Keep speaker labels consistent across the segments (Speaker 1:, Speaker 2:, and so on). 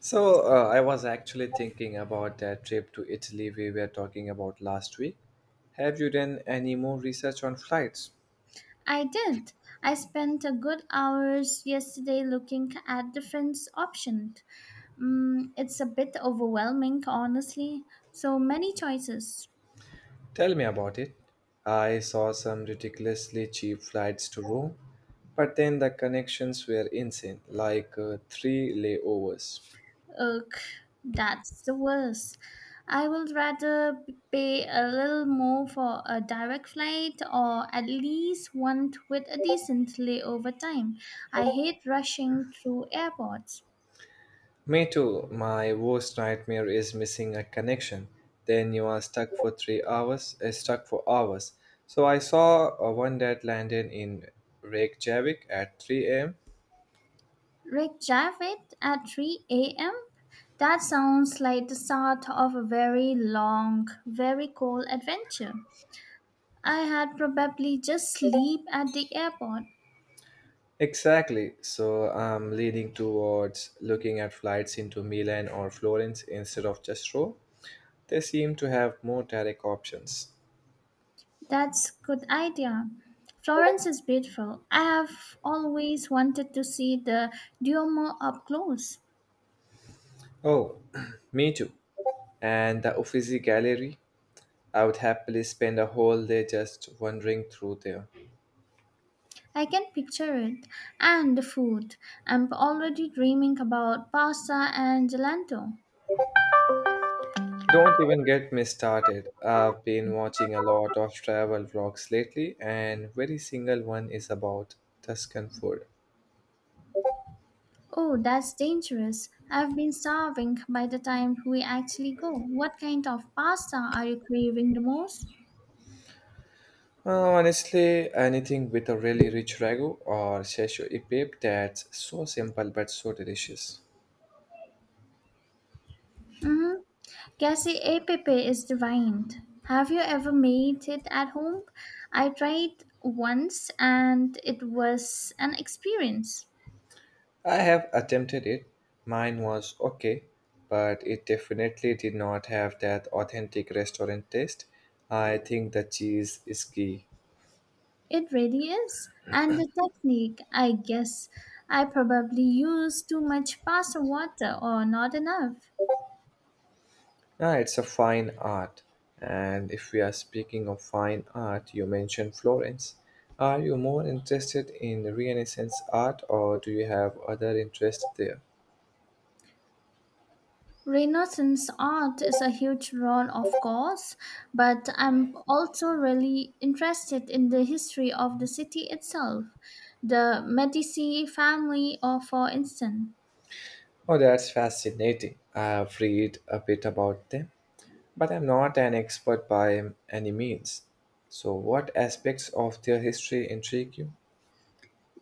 Speaker 1: I was actually thinking about that trip to Italy we were talking about last week. Have you done any more research on flights?
Speaker 2: I did not. I spent a good hours yesterday looking at different options. It's a bit overwhelming, honestly. So many choices.
Speaker 1: Tell me about it. I saw some ridiculously cheap flights to Rome, but then the connections were insane, like three layovers.
Speaker 2: Ugh, that's the worst. I would rather pay a little more for a direct flight or at least one with a decent layover time. I hate rushing through airports.
Speaker 1: Me too, my worst nightmare is missing a connection. Then you are stuck for stuck for hours. So I saw one that landed in Reykjavik at 3 a.m.
Speaker 2: Rick Javid at 3 a.m. That sounds like the start of a very long, very cold adventure. I had probably just sleep at the airport.
Speaker 1: Exactly. So I'm leaning towards looking at flights into Milan or Florence instead of just Rome. They seem to have more direct options.
Speaker 2: That's good idea. Florence is beautiful. I have always wanted to see the Duomo up close.
Speaker 1: Oh, me too. And the Uffizi Gallery, I would happily spend a whole day just wandering through there.
Speaker 2: I can picture it. And the food. I'm already dreaming about pasta and gelato.
Speaker 1: Don't even get me started. I've been watching a lot of travel vlogs lately, and very single one is about Tuscan food.
Speaker 2: Oh, that's dangerous. I've been starving by the time we actually go. What kind of pasta are you craving the most?
Speaker 1: Honestly, anything with a really rich ragu or szechuan dip that's so simple but so delicious.
Speaker 2: Mm-hmm. Cassie e pepe is divine. Have you ever made it at home? I tried once and it was an experience.
Speaker 1: I have attempted it. Mine was okay, but it definitely did not have that authentic restaurant taste. I think the cheese is key.
Speaker 2: It really is. And the technique, I guess. I probably used too much pasta water or not enough.
Speaker 1: Ah, it's a fine art. And if we are speaking of fine art, you mentioned Florence. Are you more interested in Renaissance art or do you have other interests there?
Speaker 2: Renaissance art is a huge role, of course, but I'm also really interested in the history of the city itself. The Medici family, or for instance,
Speaker 1: Oh, that's fascinating. I've read a bit about them, but I'm not an expert by any means. So, what aspects of their history intrigue you?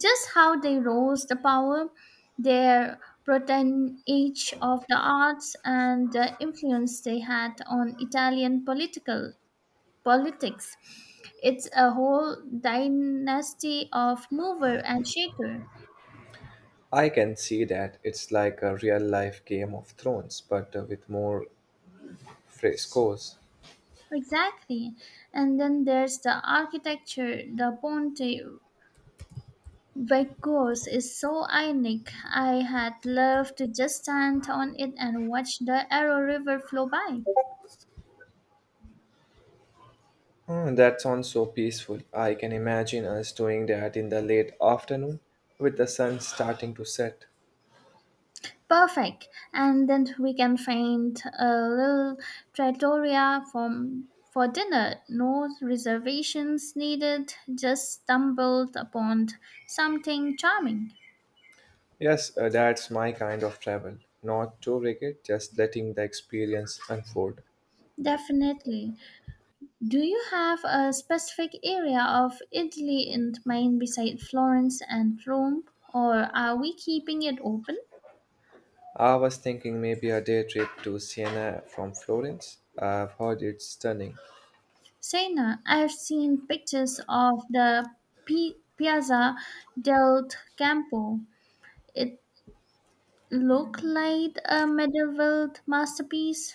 Speaker 2: just how they rose the power, their patronage of the arts, and the influence they had on Italian political politics. It's a whole dynasty of mover and shaker.
Speaker 1: I can see that it's like a real life Game of Thrones, but with more frescoes.
Speaker 2: Exactly. And then there's the architecture. The Ponte Vecchio's is so iconic. I had loved to just stand on it and watch the Arrow River flow by.
Speaker 1: Oh, that sounds so peaceful. I can imagine us doing that in the late afternoon with the sun starting to set.
Speaker 2: Perfect. And then we can find a little trattoria from for dinner. No reservations needed. Just stumbled upon something charming.
Speaker 1: Yes, that's my kind of travel. Not too rigid, just letting the experience unfold.
Speaker 2: Definitely. Do you have a specific area of Italy in mind beside Florence and Rome, or are we keeping it open?
Speaker 1: I was thinking maybe a day trip to Siena from Florence. I've heard it's stunning.
Speaker 2: Sena, I have seen pictures of the Piazza del Campo. It looked like a medieval masterpiece.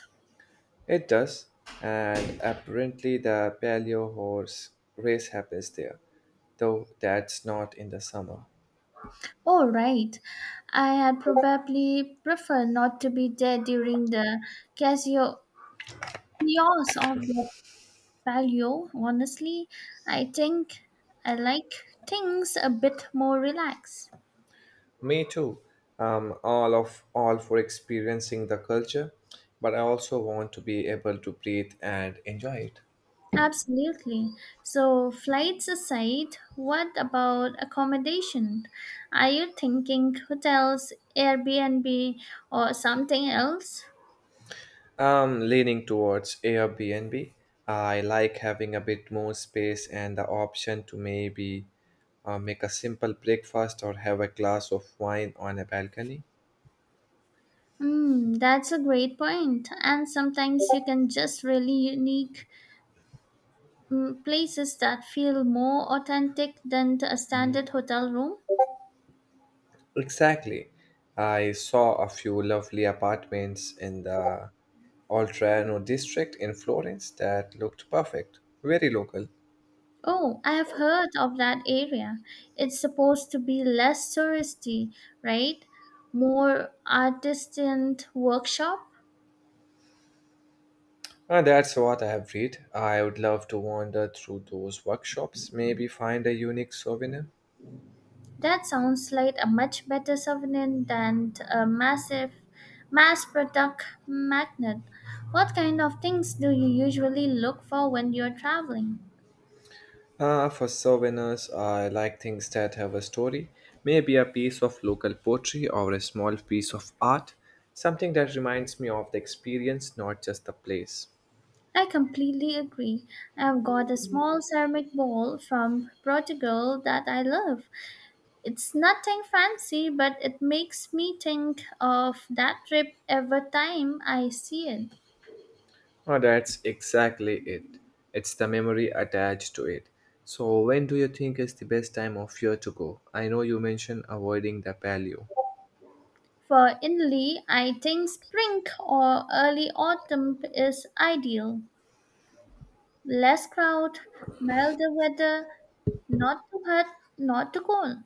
Speaker 1: It does, and apparently the Palio horse race happens there, though that's not in the summer.
Speaker 2: All right, I had probably preferred not to be there during the Casio chaos of the Paleo, honestly, I think I like things a bit more relaxed.
Speaker 1: Me too. All for experiencing the culture, but I also want to be able to breathe and enjoy it.
Speaker 2: Absolutely. So, flights aside, what about accommodation? Are you thinking hotels, Airbnb, or something else?
Speaker 1: I'm leaning towards Airbnb. I like having a bit more space and the option to maybe make a simple breakfast or have a glass of wine on a balcony.
Speaker 2: Hmm, that's a great point. And sometimes you can just really unique places that feel more authentic than a standard hotel room.
Speaker 1: Exactly. I saw a few lovely apartments in the Oltrano district in Florence that looked perfect, very local.
Speaker 2: Oh, I have heard of that area. It's supposed to be less touristy, right? More artisan workshop.
Speaker 1: And that's what I have read. I would love to wander through those workshops, maybe find a unique souvenir.
Speaker 2: That sounds like a much better souvenir than a massive mass product magnet. What kind of things do you usually look for when you're traveling?
Speaker 1: Ah, for souvenirs, I like things that have a story. Maybe a piece of local poetry or a small piece of art. Something that reminds me of the experience, not just the place.
Speaker 2: I completely agree. I've got a small ceramic bowl from Portugal that I love. It's nothing fancy, but it makes me think of that trip every time I see it.
Speaker 1: Oh, that's exactly it. It's the memory attached to it. So, when do you think is the best time of year to go? I know you mentioned avoiding the paleo.
Speaker 2: For Italy, I think spring or early autumn is ideal. Less crowd, milder weather, not too hot, not too cold.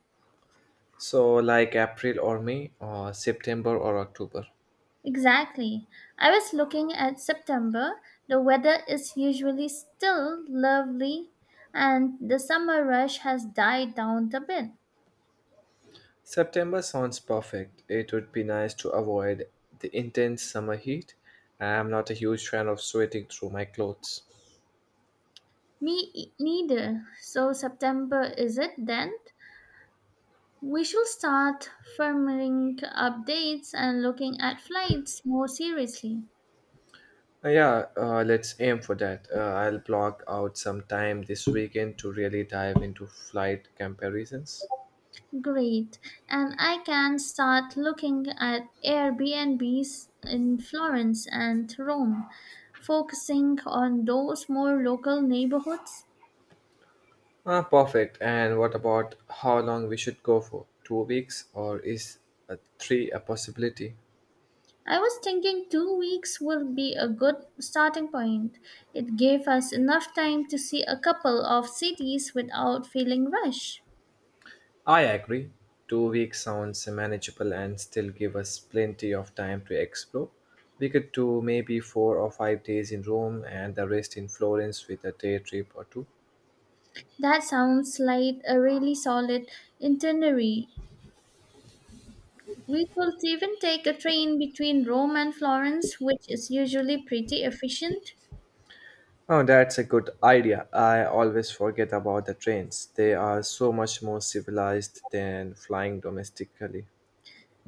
Speaker 1: So, like April or May, or September or October.
Speaker 2: Exactly. I was looking at September. The weather is usually still lovely and the summer rush has died down a bit.
Speaker 1: September sounds perfect. It would be nice to avoid the intense summer heat. I'm not a huge fan of sweating through my clothes.
Speaker 2: Me neither. So September is it then? We should start firming updates and looking at flights more seriously.
Speaker 1: Yeah, let's aim for that. I'll block out some time this weekend to really dive into flight comparisons.
Speaker 2: Great. And I can start looking at Airbnbs in Florence and Rome, focusing on those more local neighborhoods.
Speaker 1: Ah, perfect. And what about how long we should go for? 2 weeks, or is three a possibility?
Speaker 2: I was thinking 2 weeks would be a good starting point. It gave us enough time to see a couple of cities without feeling rushed.
Speaker 1: I agree. 2 weeks sounds manageable and still give us plenty of time to explore. We could do maybe 4 or 5 days in Rome and the rest in Florence with a day trip or two.
Speaker 2: That sounds like a really solid itinerary. We could even take a train between Rome and Florence, which is usually pretty efficient.
Speaker 1: Oh, that's a good idea. I always forget about the trains. They are so much more civilized than flying domestically.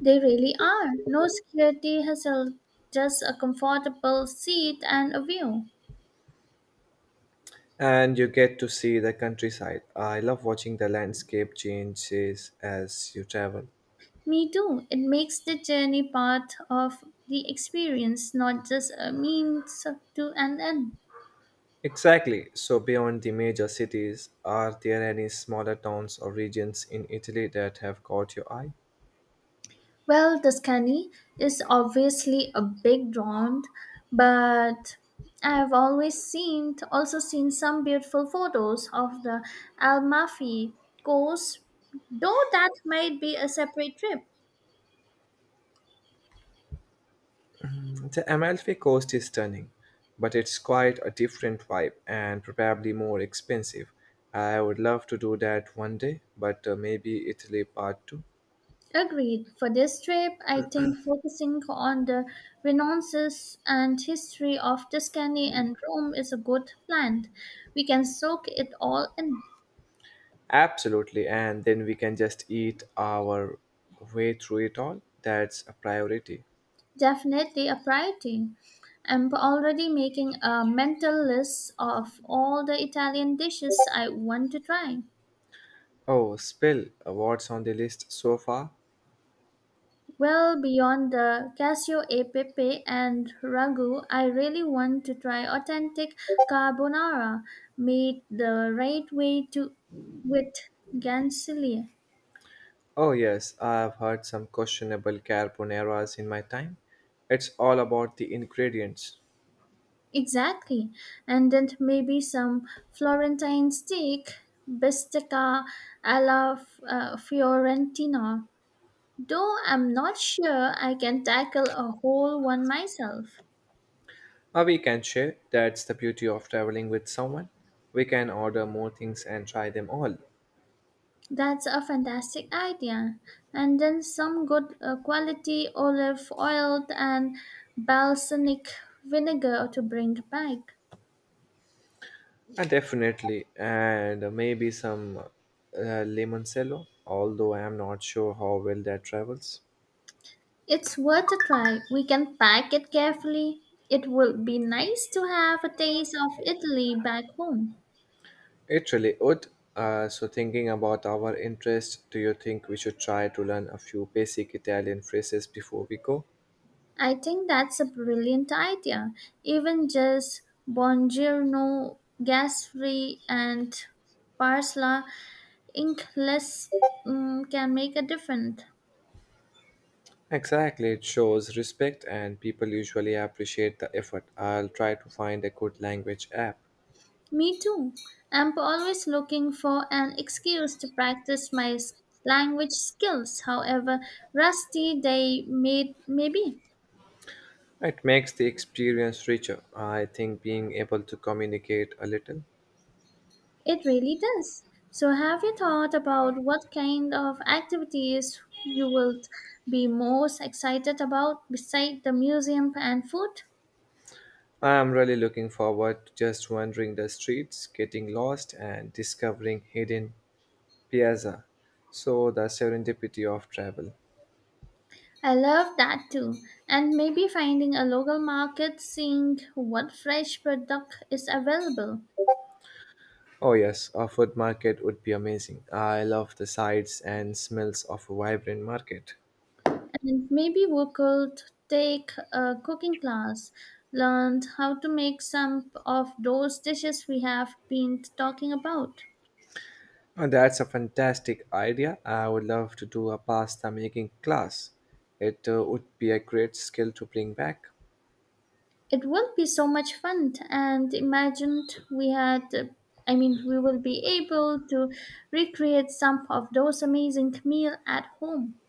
Speaker 2: They really are. No security hassle, just a comfortable seat and a view.
Speaker 1: And you get to see the countryside. I love watching the landscape changes as you travel.
Speaker 2: Me too. It makes the journey part of the experience, not just a means to an end.
Speaker 1: Exactly. So, beyond the major cities, are there any smaller towns or regions in Italy that have caught your eye?
Speaker 2: Well, Tuscany is obviously a big draw, but I've always seen also seen some beautiful photos of the Almafi coast, though that might be a separate trip.
Speaker 1: The Amalfi Coast is stunning, but it's quite a different vibe and probably more expensive. I would love to do that one day, but maybe Italy part two.
Speaker 2: Agreed. For this trip, I think focusing on the renaissance and history of Tuscany and Rome is a good plan. We can soak it all in.
Speaker 1: Absolutely, and then we can just eat our way through it all. That's a priority.
Speaker 2: Definitely a priority. I'm already making a mental list of all the Italian dishes I want to try.
Speaker 1: Oh, Spill, what's on the list so far?
Speaker 2: Well, beyond the cassio e pepe and ragu, I really want to try authentic carbonara made the right way to with gancelia.
Speaker 1: Oh, yes, I've had some questionable carbonaras in my time. It's all about the ingredients.
Speaker 2: Exactly. And then maybe some Florentine steak, bistecca alla Fiorentina. Though I'm not sure I can tackle a whole one myself.
Speaker 1: We can share, that's the beauty of traveling with someone. We can order more things and try them all.
Speaker 2: That's a fantastic idea. And then some good quality olive oil and balsamic vinegar to bring back.
Speaker 1: And definitely, and maybe some limoncello, although I am not sure how well that travels.
Speaker 2: It's worth a try. We can pack it carefully. It would be nice to have a taste of Italy back home.
Speaker 1: It really would. So, thinking about our interest, do you think we should try to learn a few basic Italian phrases before we go?
Speaker 2: I think that's a brilliant idea. Even just buongiorno, gas free, and parsley Inkless mm, can make a difference.
Speaker 1: Exactly, it shows respect and people usually appreciate the effort. I'll try to find a good language app.
Speaker 2: Me too. I'm always looking for an excuse to practice my language skills, however rusty they may be.
Speaker 1: It makes the experience richer. I think being able to communicate a little.
Speaker 2: It really does. So, have you thought about what kind of activities you will be most excited about beside the museum and food?
Speaker 1: I am really looking forward to just wandering the streets, getting lost, and discovering hidden piazza. So, the serendipity of travel.
Speaker 2: I love that too. And maybe finding a local market, seeing what fresh product is available.
Speaker 1: Oh, yes, a food market would be amazing. I love the sights and smells of a vibrant market.
Speaker 2: And maybe we could take a cooking class, learn how to make some of those dishes we have been talking about.
Speaker 1: That's a fantastic idea. I would love to do a pasta making class. It would be a great skill to bring back.
Speaker 2: It will be so much fun, and imagined we had, I mean, we will be able to recreate some of those amazing meal at home.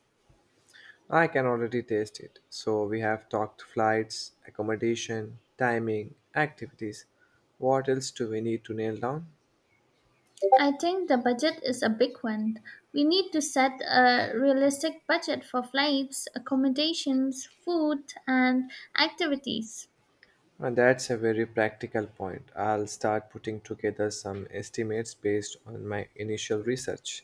Speaker 1: I can already taste it. So we have talked flights, accommodation, timing, activities. What else do we need to nail down?
Speaker 2: I think the budget is a big one. We need to set a realistic budget for flights, accommodations, food, and activities.
Speaker 1: And that's a very practical point. I'll start putting together some estimates based on my initial research.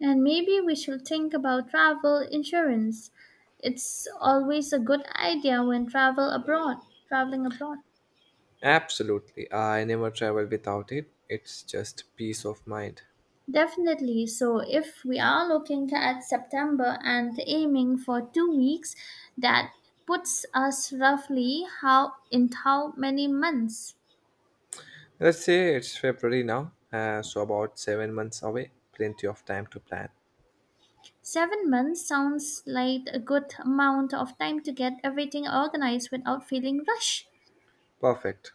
Speaker 2: And maybe we should think about travel insurance. It's always a good idea when travel abroad, traveling abroad.
Speaker 1: Absolutely. I never travel without it. It's just peace of mind.
Speaker 2: Definitely. So if we are looking at September and aiming for 2 weeks, that puts us roughly how in how many months?
Speaker 1: Let's say it's February now, so about 7 months away. Plenty of time to plan.
Speaker 2: 7 months sounds like a good amount of time to get everything organized without feeling rushed.
Speaker 1: Perfect.